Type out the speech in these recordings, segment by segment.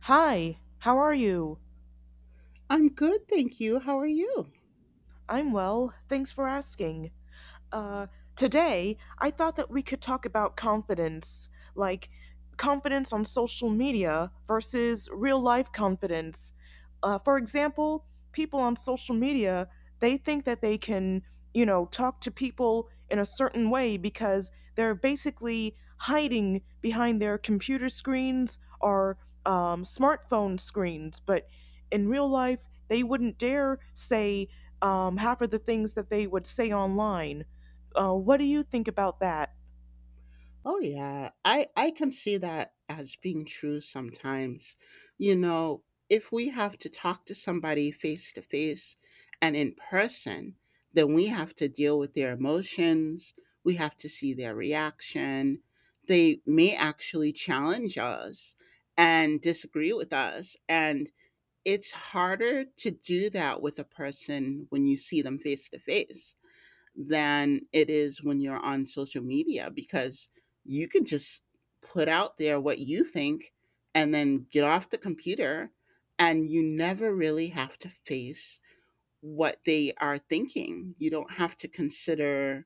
Hi, how are you? I'm good, thank you. How are you? I'm well, thanks for asking. Uh, Today, I thought that we could talk about confidence, like confidence on social media versus real life confidence. For example, people on social media, they think that they can, you know, talk to people in a certain way because they're basically hiding behind their computer screens or smartphone screens. But in real life, they wouldn't dare say half of the things that they would say online. What do you think about that? Oh yeah, I can see that as being true sometimes. You know, if we have to talk to somebody face to face and in person, then we have to deal with their emotions, we have to see their reaction. They may actually challenge us and disagree with us and it's harder to do that with a person when you see them face to face than it is when you're on social media because you can just put out there what you think and then get off the computer and you never really have to face what they are thinking. You don't have to consider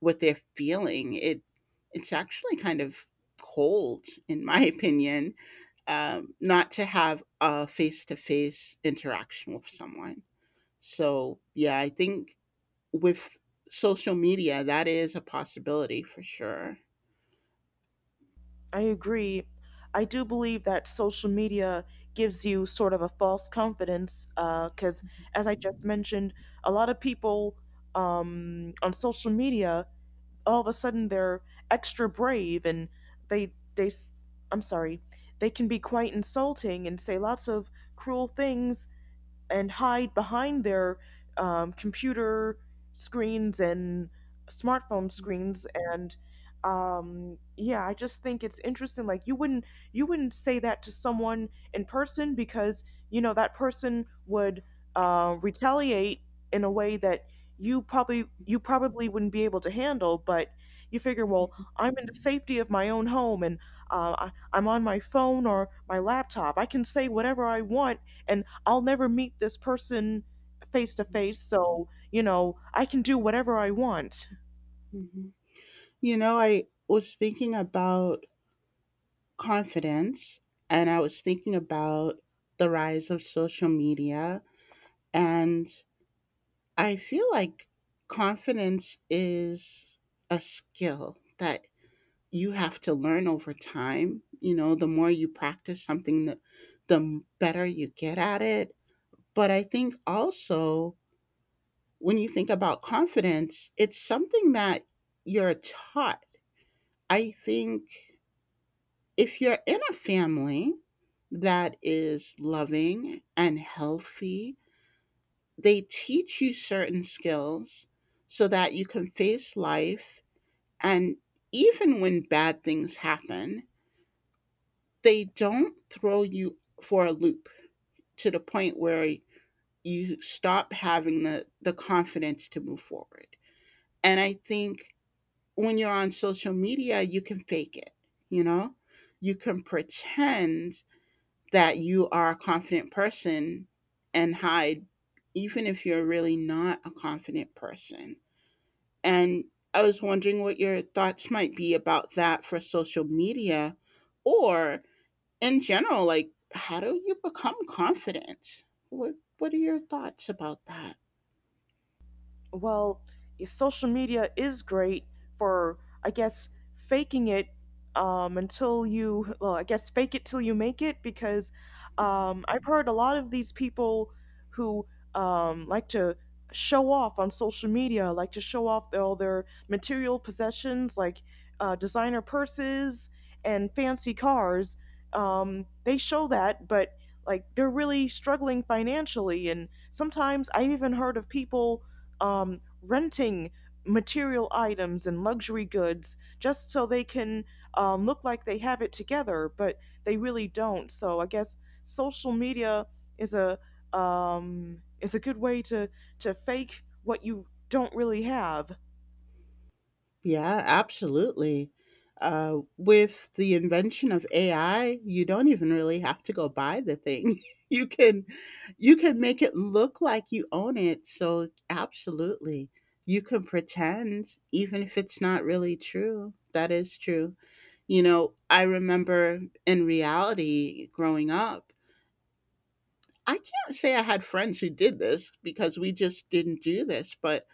what they're feeling. It's actually kind of cold in my opinion, not to have a face-to-face interaction with someone. So yeah, I think with social media, that is a possibility for sure. I agree. I do believe that social media gives you sort of a false confidence because, as I just mentioned, a lot of people on social media all of a sudden they're extra brave and they they s- I'm sorry they can be quite insulting and say lots of cruel things and hide behind their computer screens and smartphone screens and yeah, I just think it's interesting, like you wouldn't say that to someone in person because you know that person would retaliate in a way that you probably wouldn't be able to handle. But you figure, well, Mhm. I'm in the safety of my own home and I'm on my phone or my laptop, I can say whatever I want and I'll never meet this person face to face, so, you know, I can do whatever I want. Mhm. You know, I was thinking about confidence and I was thinking about the rise of social media. And I feel like confidence is a skill that you have to learn over time. You know, the more you practice something, the better you get at it. But I think also when you think about confidence, it's something that you're taught. I think if you're in a family that is loving and healthy, they teach you certain skills so that you can face life and even when bad things happen they don't throw you for a loop to the point where you stop having the confidence to move forward. And I think when you're on social media, you can fake it, you know? You can pretend that you are a confident person and hide, even if you're really not a confident person. And I was wondering what your thoughts might be about that for social media or in general, like how do you become confident? What are your thoughts about that? Well, social media is great for, I guess, faking it until you, well, I guess fake it till you make it because I've heard a lot of these people who like to show off on social media, like to show off their- all their material possessions, like designer purses and fancy cars. They show that, but like they're really struggling financially and sometimes I've even heard of people renting material items and luxury goods just so they can look like they have it together, but they really don't. So I guess social media is a is a good way to fake what you don't really have. Yeah, absolutely. With the invention of AI, you don't even really have to go buy the thing. You can you can make it look like you own it. So absolutely. You can pretend even if it's not really true. That is true. You know, I remember in reality growing up I can't say I had friends who did this because we just didn't do this, but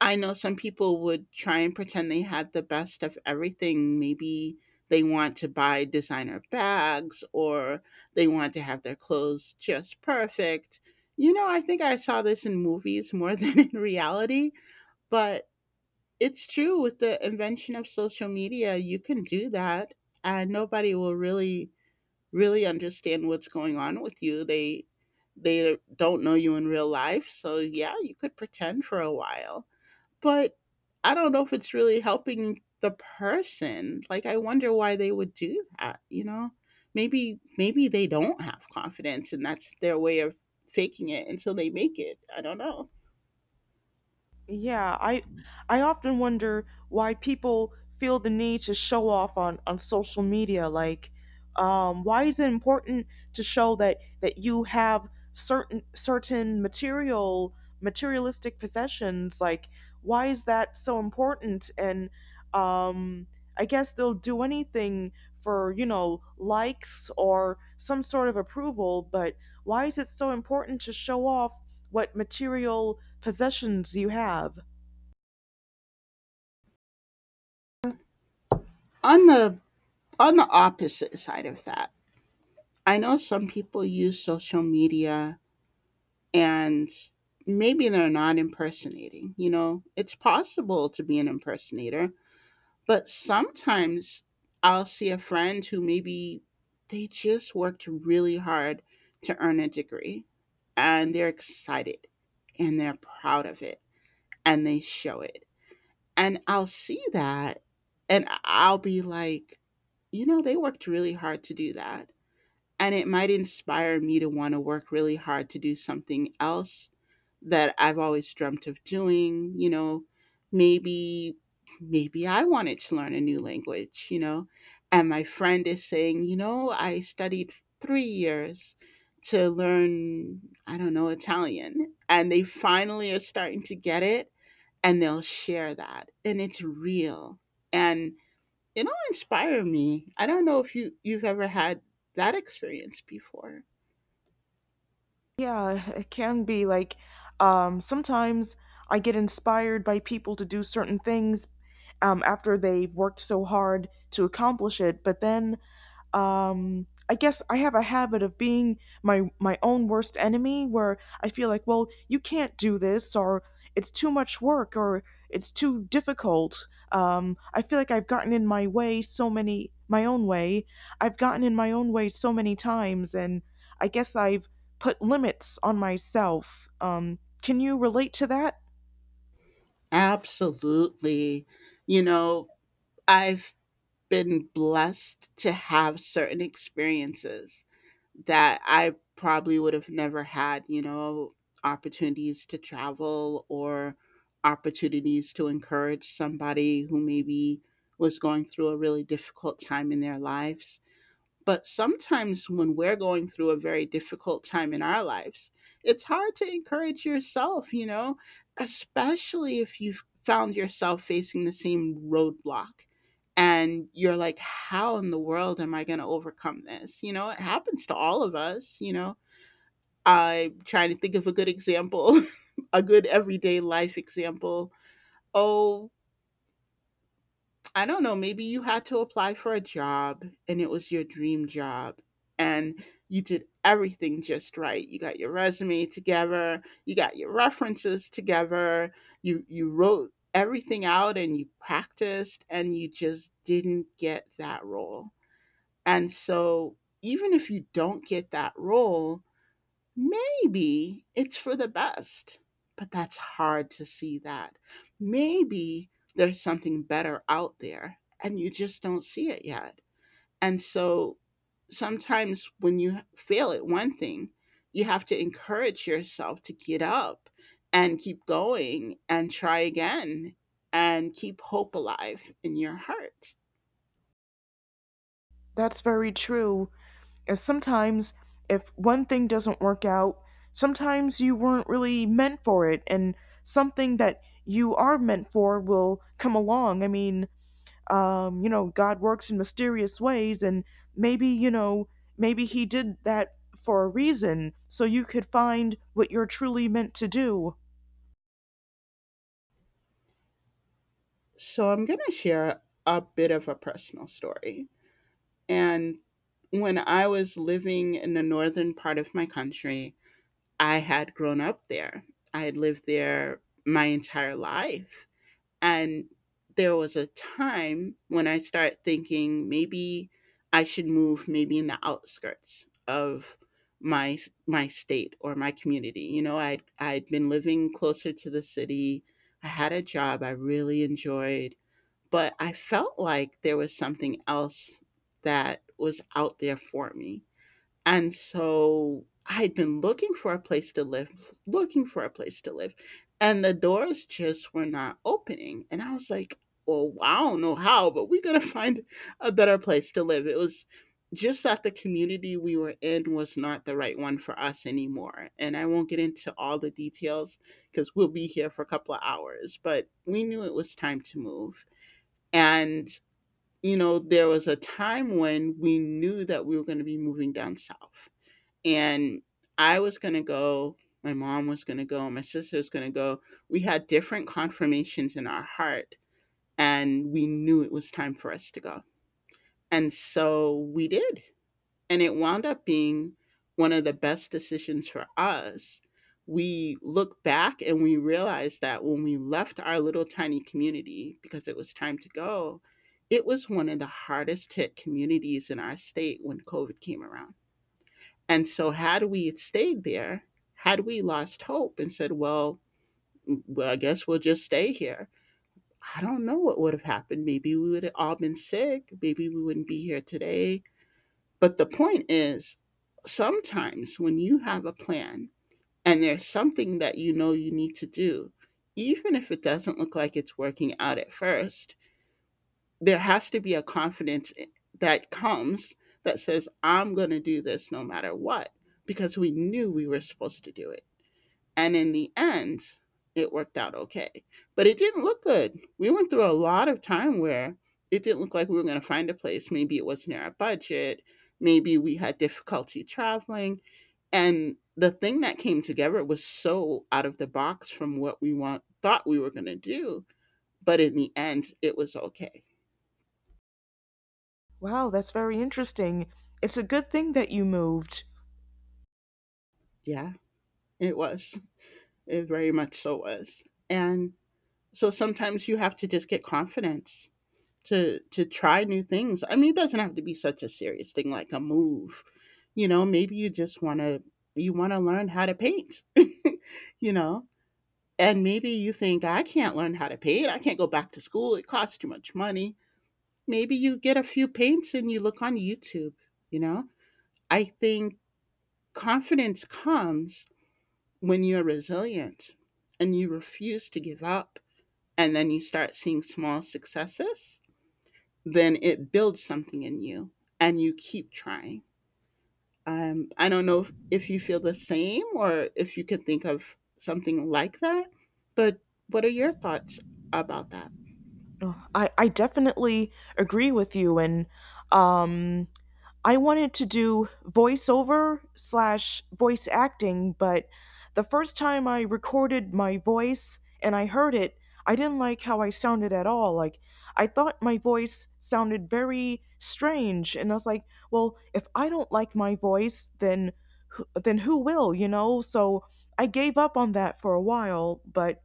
I know some people would try and pretend they had the best of everything. Maybe they want to buy designer bags or they want to have their clothes just perfect. You know, I think I saw this in movies more than in reality, but it's true with the invention of social media, you can do that and nobody will really understand what's going on with you. They don't know you in real life, so yeah, you could pretend for a while. But I don't know if it's really helping the person. Like I wonder why they would do that, you know? Maybe they don't have confidence and that's their way of faking it until they make it. I don't know. Yeah, I often wonder why people feel the need to show off on social media. Like, why is it important to show that you have certain material materialistic possessions? Like, why is that so important? And um, I guess they'll do anything for, you know, likes or some sort of approval. But why is it so important to show off what material possessions you have? On the on the opposite side of that, I know some people use social media and maybe they're not impersonating. You know, it's possible to be an impersonator, but sometimes I'll see a friend who maybe they just worked really hard to earn a degree and they're excited and they're proud of it and they show it. And I'll see that and I'll be like, you know, they worked really hard to do that. And it might inspire me to want to work really hard to do something else that I've always dreamt of doing, you know, maybe maybe I wanted to learn a new language, you know. And my friend is saying, you know, I studied 3 years to learn, I don't know, Italian, and they finally are starting to get it and they'll share that. And it's real. And it'll inspire me. I don't know if you've ever had that experience before. Yeah, it can be like sometimes I get inspired by people to do certain things after they've worked so hard to accomplish it, but then I guess I have a habit of being my own worst enemy, where I feel like, well, you can't do this, or it's too much work, or it's too difficult. I feel like I've gotten in my way so many, my own way. I've gotten in my own way so many times, and I guess I've put limits on myself. Can you relate to that? Absolutely. You know, I've been blessed to have certain experiences that I probably would have never had, you know, opportunities to travel or opportunities to encourage somebody who maybe was going through a really difficult time in their lives. But sometimes when we're going through a very difficult time in our lives, it's hard to encourage yourself, you know, especially if you've found yourself facing the same roadblock and you're like, how in the world am I going to overcome this? You know, it happens to all of us, you know. I'm trying to think of a good example, a good everyday life example. Oh, I don't know, maybe you had to apply for a job and it was your dream job and you did everything just right. You got your resume together, you got your references together, you wrote everything out and you practiced and you just didn't get that role. And so even if you don't get that role, maybe it's for the best, but that's hard to see that. Maybe there's something better out there and you just don't see it yet. And so sometimes when you fail at one thing, you have to encourage yourself to get up and keep going and try again and keep hope alive in your heart. That's very true. And sometimes, if one thing doesn't work out, sometimes you weren't really meant for it, and something that you are meant for will come along. I mean, you know, God works in mysterious ways, and maybe, you know, maybe He did that for a reason, so you could find what you're truly meant to do. So I'm going to share a bit of a personal story. And when I was living in the northern part of my country, I had grown up there. I had lived there my entire life. And there was a time when I started thinking maybe I should move maybe in the outskirts of my my state or my community. You know, I'd been living closer to the city. I had a job I really enjoyed but I felt like there was something else that was out there for me. And so I had been looking for a place to live, looking for a place to live, and the doors just were not opening. And I was like, well, I don't know how, but we're going to find a better place to live. It was just that the community we were in was not the right one for us anymore. And I won't get into all the details because we'll be here for a couple of hours, but we knew it was time to move. And, you know, there was a time when we knew that we were going to be moving down south. And I was going to go, my mom was going to go, my sister was going to go. We had different confirmations in our heart, and we knew it was time for us to go. And so we did and it wound up being one of the best decisions for us. We look back and we realize that when we left our little tiny community because it was time to go, it was one of the hardest hit communities in our state when COVID came around. And so, had we stayed there, had we lost hope and said, well, I guess we'll just stay here, I don't know what would have happened. Maybe we would have all been sick. Maybe we wouldn't be here today but the point is, sometimes when you have a plan and there's something that you know you need to do, even if it doesn't look like it's working out at first, there has to be a confidence that comes that says, I'm going to do this no matter what, because we knew we were supposed to do it. And in the end, it worked out okay. But it didn't look good. We went through a lot of time where it didn't look like we were going to find a place. Maybe it wasn't in our budget. Maybe we had difficulty traveling. And the thing that came together was so out of the box from what we thought we were going to do. But in the end, it was okay. Wow, that's very interesting. It's a good thing that you moved. Yeah, it was. It very much so was. And so sometimes you have to just get confidence to try new things. I mean, it doesn't have to be such a serious thing like a move. You know, maybe you want to learn how to paint. You know, and maybe you think I can't learn how to paint. I can't go back to school. It costs too much money. Maybe you get a few paints and you look on YouTube, you know? I think confidence comes when you're resilient and you refuse to give up and then you start seeing small successes then it builds something in you and you keep trying. I don't know if you feel the same or if you could think of something like that, but what are your thoughts about that? I definitely agree with you, and um I wanted to do voiceover slash voice acting, but the first time I recorded my voice and I heard it, I didn't like how I sounded at all. Like I thought my voice sounded very strange and I was like, well, if I don't like my voice, then then who will, you know? So I gave up on that for a while, but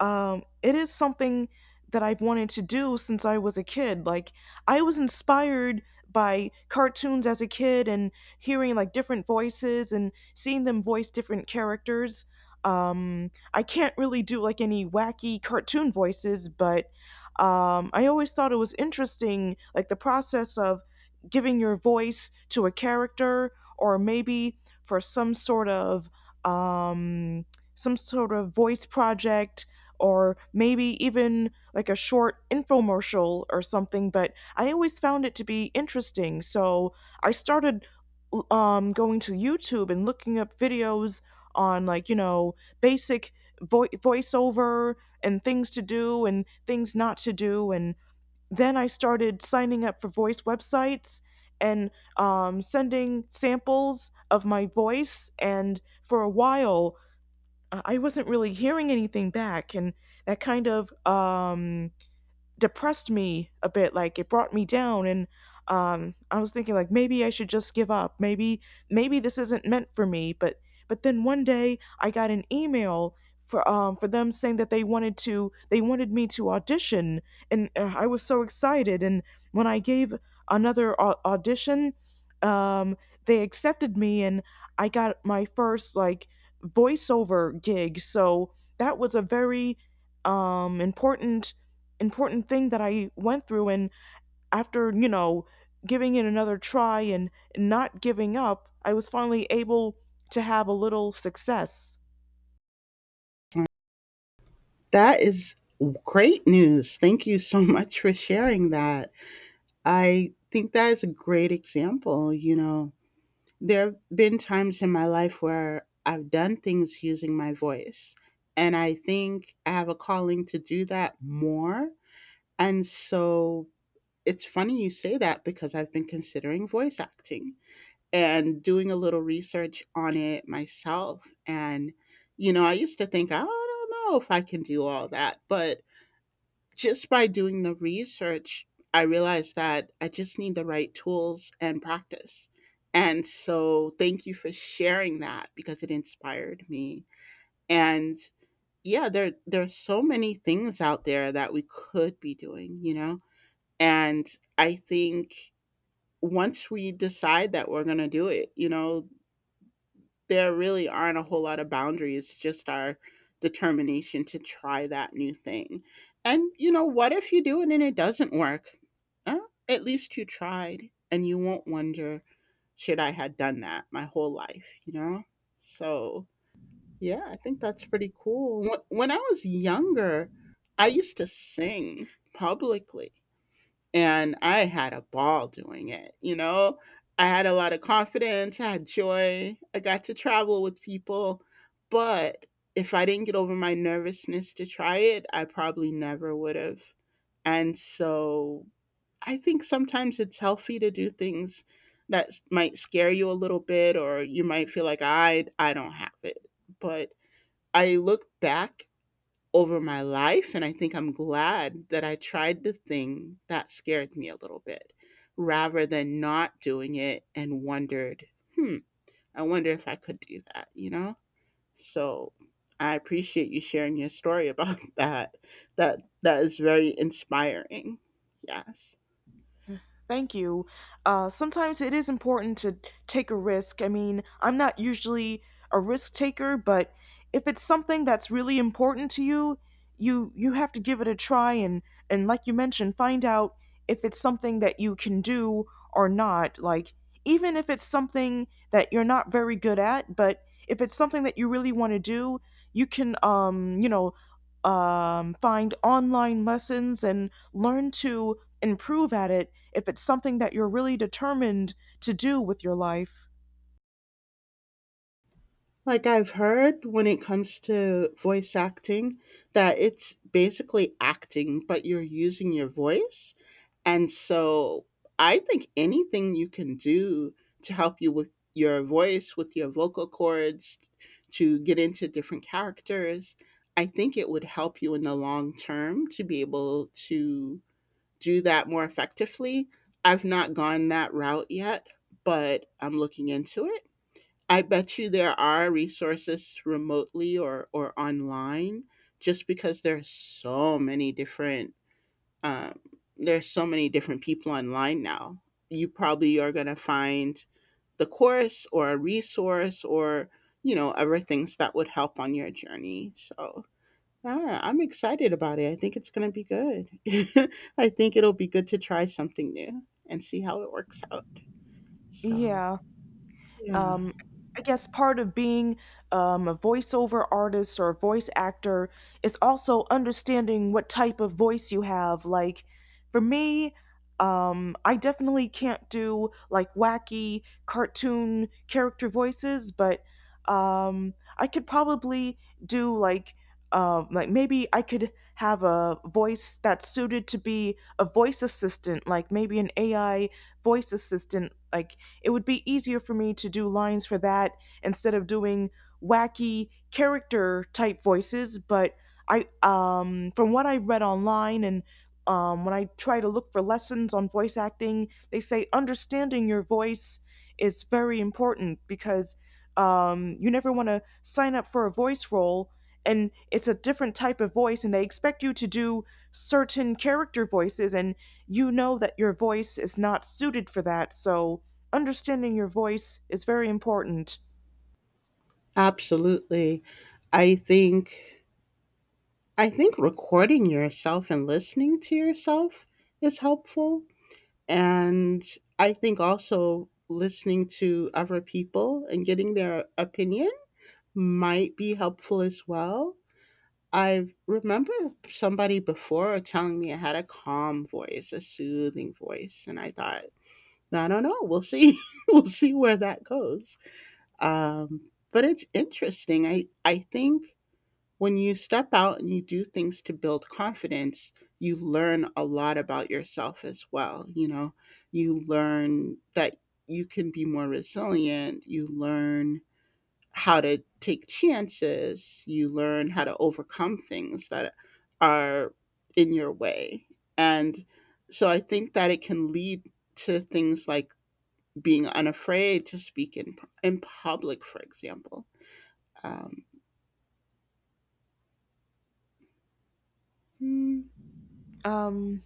it is something that I've wanted to do since I was a kid. Like I was inspired by cartoons as a kid and hearing like different voices and seeing them voice different characters. I can't really do like any wacky cartoon voices, but I always thought it was interesting, like the process of giving your voice to a character or maybe for um, some sort of voice project or maybe even like a short infomercial or something, but I always found it to be interesting. So I started going to YouTube and looking up videos on, like, you know, basic voiceover and things to do and things not to do, and then I started signing up for voice websites and sending samples of my voice. And for a while, I wasn't really hearing anything back, and that kind of um, depressed me a bit, like it brought me down. And I was thinking, like, maybe I should just give up, maybe this isn't meant for me. But then one day I got an email for them, saying that they wanted to they wanted me to audition, and I was so excited. And when I gave another audition, um they accepted me, and I got my first, like, voiceover gig. So that was a very important important thing that I went through. And after, you know, giving it another try and not giving up, I was finally able to have a little success. That is great news. Thank you so much for sharing that. I think that is a great example, you know, there have been times in my life where I've done things using my voice, and I think I have a calling to do that more. And so it's funny you say that because I've been considering voice acting and doing a little research on it myself. And, you know, I used to think, I don't know if I can do all that, but just by doing the research, I realized that I just need the right tools and practice. And so thank you for sharing that because it inspired me. And yeah, there's so many things out there that we could be doing, you know? And I think once we decide that we're going to do it, you know, there really aren't a whole lot of boundaries, just our determination to try that new thing. And you know, what if you do it and it doesn't work? Uh, at least you tried and you won't wonder, should I had done that my whole life, you know? So, yeah, I think that's pretty cool. When I was younger, I used to sing publicly and I had a ball doing it, you know? I had a lot of confidence, I had joy, I got to travel with people, but if I didn't get over my nervousness to try it, I probably never would have. And so I think sometimes it's healthy to do things that might scare you a little bit or you might feel like I don't have it. But I look back over my life. And I think I'm glad that I tried the thing that scared me a little bit rather than not doing it and wondered, hmm, I wonder if I could do that, you know? So I appreciate you sharing your story about that. That is very inspiring. Yes. Thank you. Sometimes it is important to take a risk. I mean, I'm not usually a risk taker, but if it's something that's really important to you, you have to give it a try and like you mentioned, find out if it's something that you can do or not. Like, even if it's something that you're not very good at, but if it's something that you really want to do, you can you know, find online lessons and learn to improve at it if it's something that you're really determined to do with your life. Like I've heard when it comes to voice acting that it's basically acting but you're using your voice. And so I think anything you can do to help you with your voice, with your vocal cords, to get into different characters, I think it would help you in the long term to be able to do that more effectively. I've not gone that route yet, but I'm looking into it. I bet you there are resources remotely or online just because there are so many different um, there's so many different people online now. You probably are going to find the course or a resource or, you know, other things that would help on your journey. So yeah, I'm excited about it. I think it's going to be good. I think it'll be good to try something new and see how it works out. So Yeah, yeah, um, I guess part of being a voiceover artist or a voice actor is also understanding what type of voice you have. Like, for me, I definitely can't do like wacky cartoon character voices, but I could probably do like maybe I could have a voice that's suited to be a voice assistant, like maybe an AI voice assistant. Like, it would be easier for me to do lines for that instead of doing wacky character type voices. But I from what I read online and when I try to look for lessons on voice acting, they say understanding your voice is very important because you never want to sign up for a voice role and it's a different type of voice and they expect you to do certain character voices and you know that your voice is not suited for that, so understanding your voice is very important. absolutely. I think I think recording yourself and listening to yourself is helpful. And I think also listening to other people and getting their opinion might be helpful as well. I remember somebody before telling me I had a calm voice, a soothing voice, and I thought, I don't know, we'll see. We'll see where that goes. But it's interesting. I think when you step out and you do things to build confidence, you learn a lot about yourself as well, you know? You learn that you can be more resilient, you learn how to take chances, you learn how to overcome things that are in your way. And so I think that it can lead to things like being unafraid to speak in public, for example. Um, mm, Um,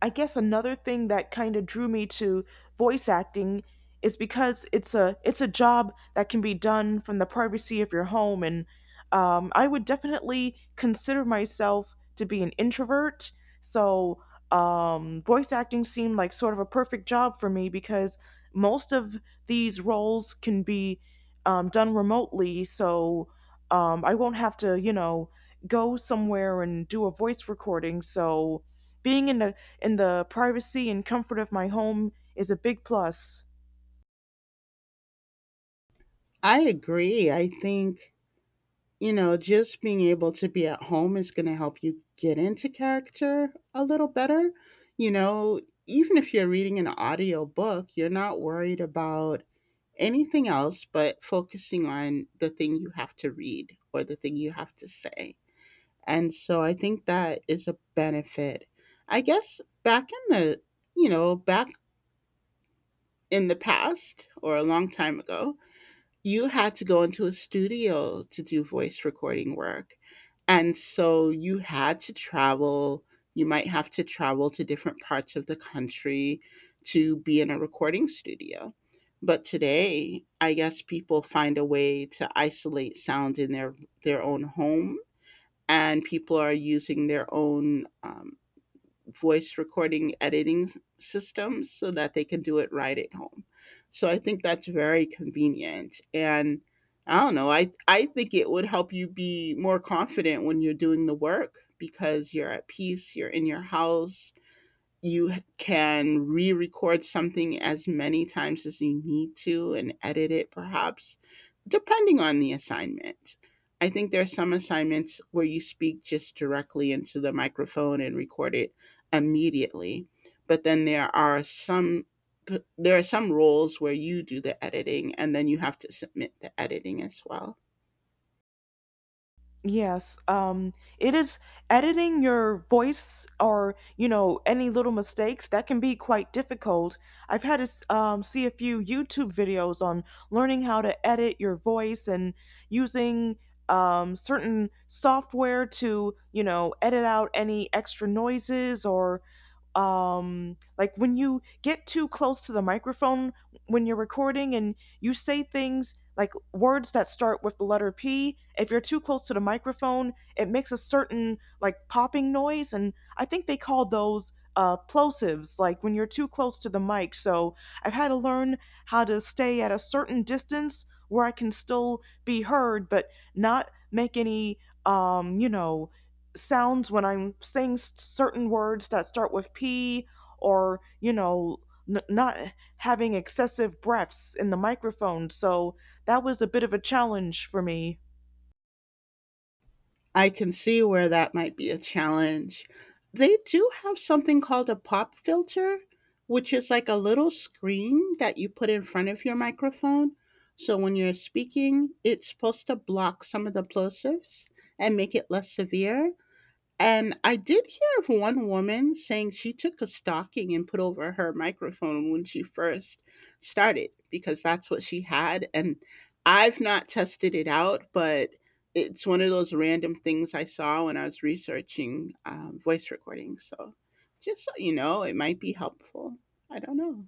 I guess another thing that kind of drew me to voice acting is because it's a job that can be done from the privacy of your home, and I would definitely consider myself to be an introvert. So voice acting seemed like sort of a perfect job for me because most of these roles can be done remotely, so I won't have to, you know, go somewhere and do a voice recording. So being in the privacy and comfort of my home is a big plus. I agree. I think you know, just being able to be at home is going to help you get into character a little better. You know, even if you're reading an audio book, you're not worried about anything else but focusing on the thing you have to read or the thing you have to say. And so I think that is a benefit. I guess back in you know, back in the past or a long time ago, you had to go into a studio to do voice recording work. And so you had to travel. You might have to travel to different parts of the country to be in a recording studio. But today, I guess people find a way to isolate sound in their own home, and people are using their own voice recording editing systems so that they can do it right at home. So I think that's very convenient. And I don't know, I think it would help you be more confident when you're doing the work because you're at peace, you're in your house, you can re-record something as many times as you need to and edit it perhaps depending on the assignment. I think there are some assignments where you speak just directly into the microphone and record it immediately, but then there are some roles where you do the editing and then you have to submit the editing as well. Yes, it is editing your voice or, you know, any little mistakes that can be quite difficult. I've had to see a few YouTube videos on learning how to edit your voice and using certain software to, you know, edit out any extra noises or like when you get too close to the microphone when you're recording and you say things like words that start with the letter P. If you're too close to the microphone, it makes a certain, like, popping noise. And I think they call those plosives, like when you're too close to the mic. So I've had to learn how to stay at a certain distance where I can still be heard, but not make any, you know, sounds when I'm saying certain words that start with P or, you know, not having excessive breaths in the microphone. So that was a bit of a challenge for me. I can see where that might be a challenge. They do have something called a pop filter, which is like a little screen that you put in front of your microphone. So when you're speaking, it's supposed to block some of the plosives and make it less severe. And I did hear of one woman saying she took a stocking and put over her microphone when she first started because that's what she had. And I've not tested it out, but it's one of those random things I saw when I was researching voice recording. So just so you know, it might be helpful. I don't know.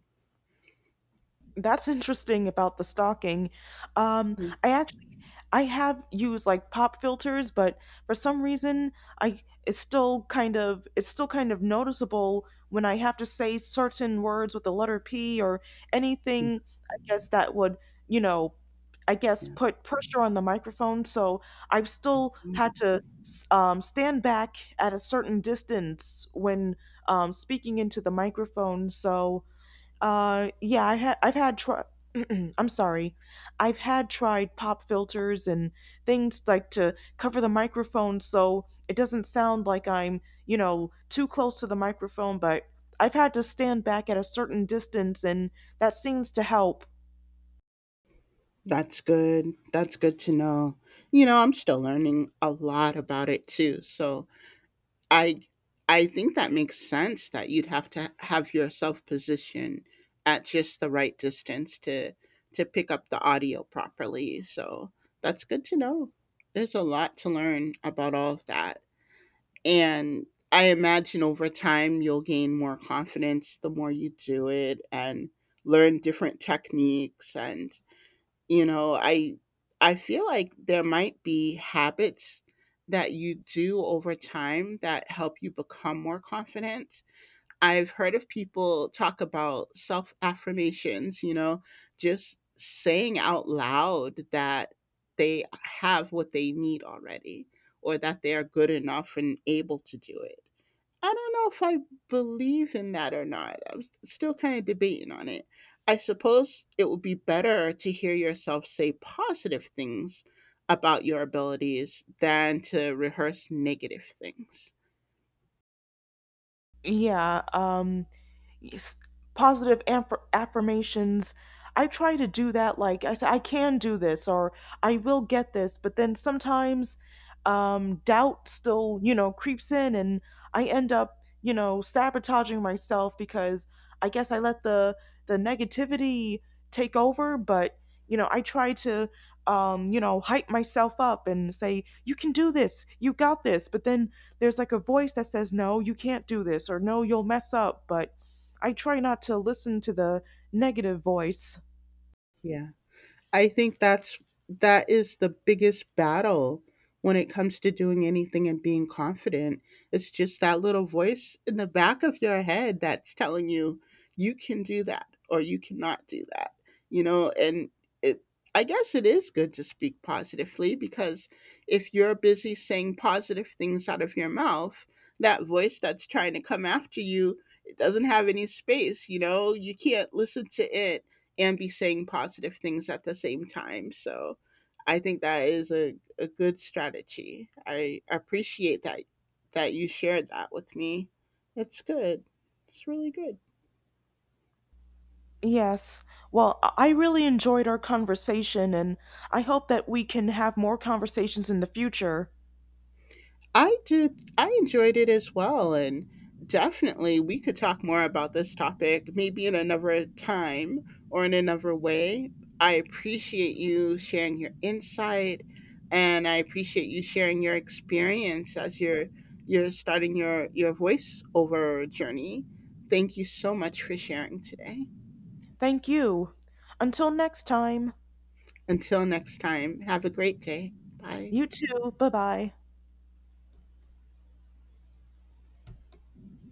That's interesting about the stalking. Yeah. I actually I have used like pop filters, but for some reason I it's still kind of it's still kind of noticeable when I have to say certain words with the letter P or anything I guess that would, you know, I guess put pressure on the microphone. So I've still Yeah. had to stand back at a certain distance when speaking into the microphone. So yeah, I've had try. I'm sorry, I've had tried pop filters and things like to cover the microphone so it doesn't sound like I'm, you know, too close to the microphone. But I've had to stand back at a certain distance, and that seems to help. That's good. That's good to know. You know, I'm still learning a lot about it too. So, I I think that makes sense that you'd have to have yourself positioned at just the right distance to pick up the audio properly. So that's good to know. There's a lot to learn about all of that. And I imagine over time you'll gain more confidence the more you do it and learn different techniques and you know, I feel like there might be habits that you do over time that help you become more confident. I've heard of people talk about self affirmations, you know, just saying out loud that they have what they need already or that they are good enough and able to do it. I don't know if I believe in that or not. I'm still kind of debating on it. I suppose it would be better to hear yourself say positive things about your abilities than to rehearse negative things. Yeah. Yes, positive affirmations. I try to do that. Like I say, I can do this, or I will get this. But then sometimes doubt still, you know, creeps in, and I end up, you know, sabotaging myself because I guess I let the negativity take over. But you know, I try to, you know, hype myself up and say, "You can do this. You got this." But then there's like a voice that says, "No, you can't do this," or "No, you'll mess up." But I try not to listen to the negative voice. Yeah. I think that's that is the biggest battle when it comes to doing anything and being confident. It's just that little voice in the back of your head that's telling you you can do that or you cannot do that. You know, and it I guess it is good to speak positively because if you're busy saying positive things out of your mouth, that voice that's trying to come after you, it doesn't have any space, you know? You can't listen to it and be saying positive things at the same time. So I think that is a good strategy. I appreciate that you shared that with me. It's good. It's really good. Yes. Well, I really enjoyed our conversation, and I hope that we can have more conversations in the future. I did. I enjoyed it as well. And definitely, we could talk more about this topic maybe in another time or in another way. I appreciate you sharing your insight and I appreciate you sharing your experience as you're starting your voiceover journey. Thank you so much for sharing today. Thank you. Until next time, Until next time, have a great day. Bye. you too. Bye bye.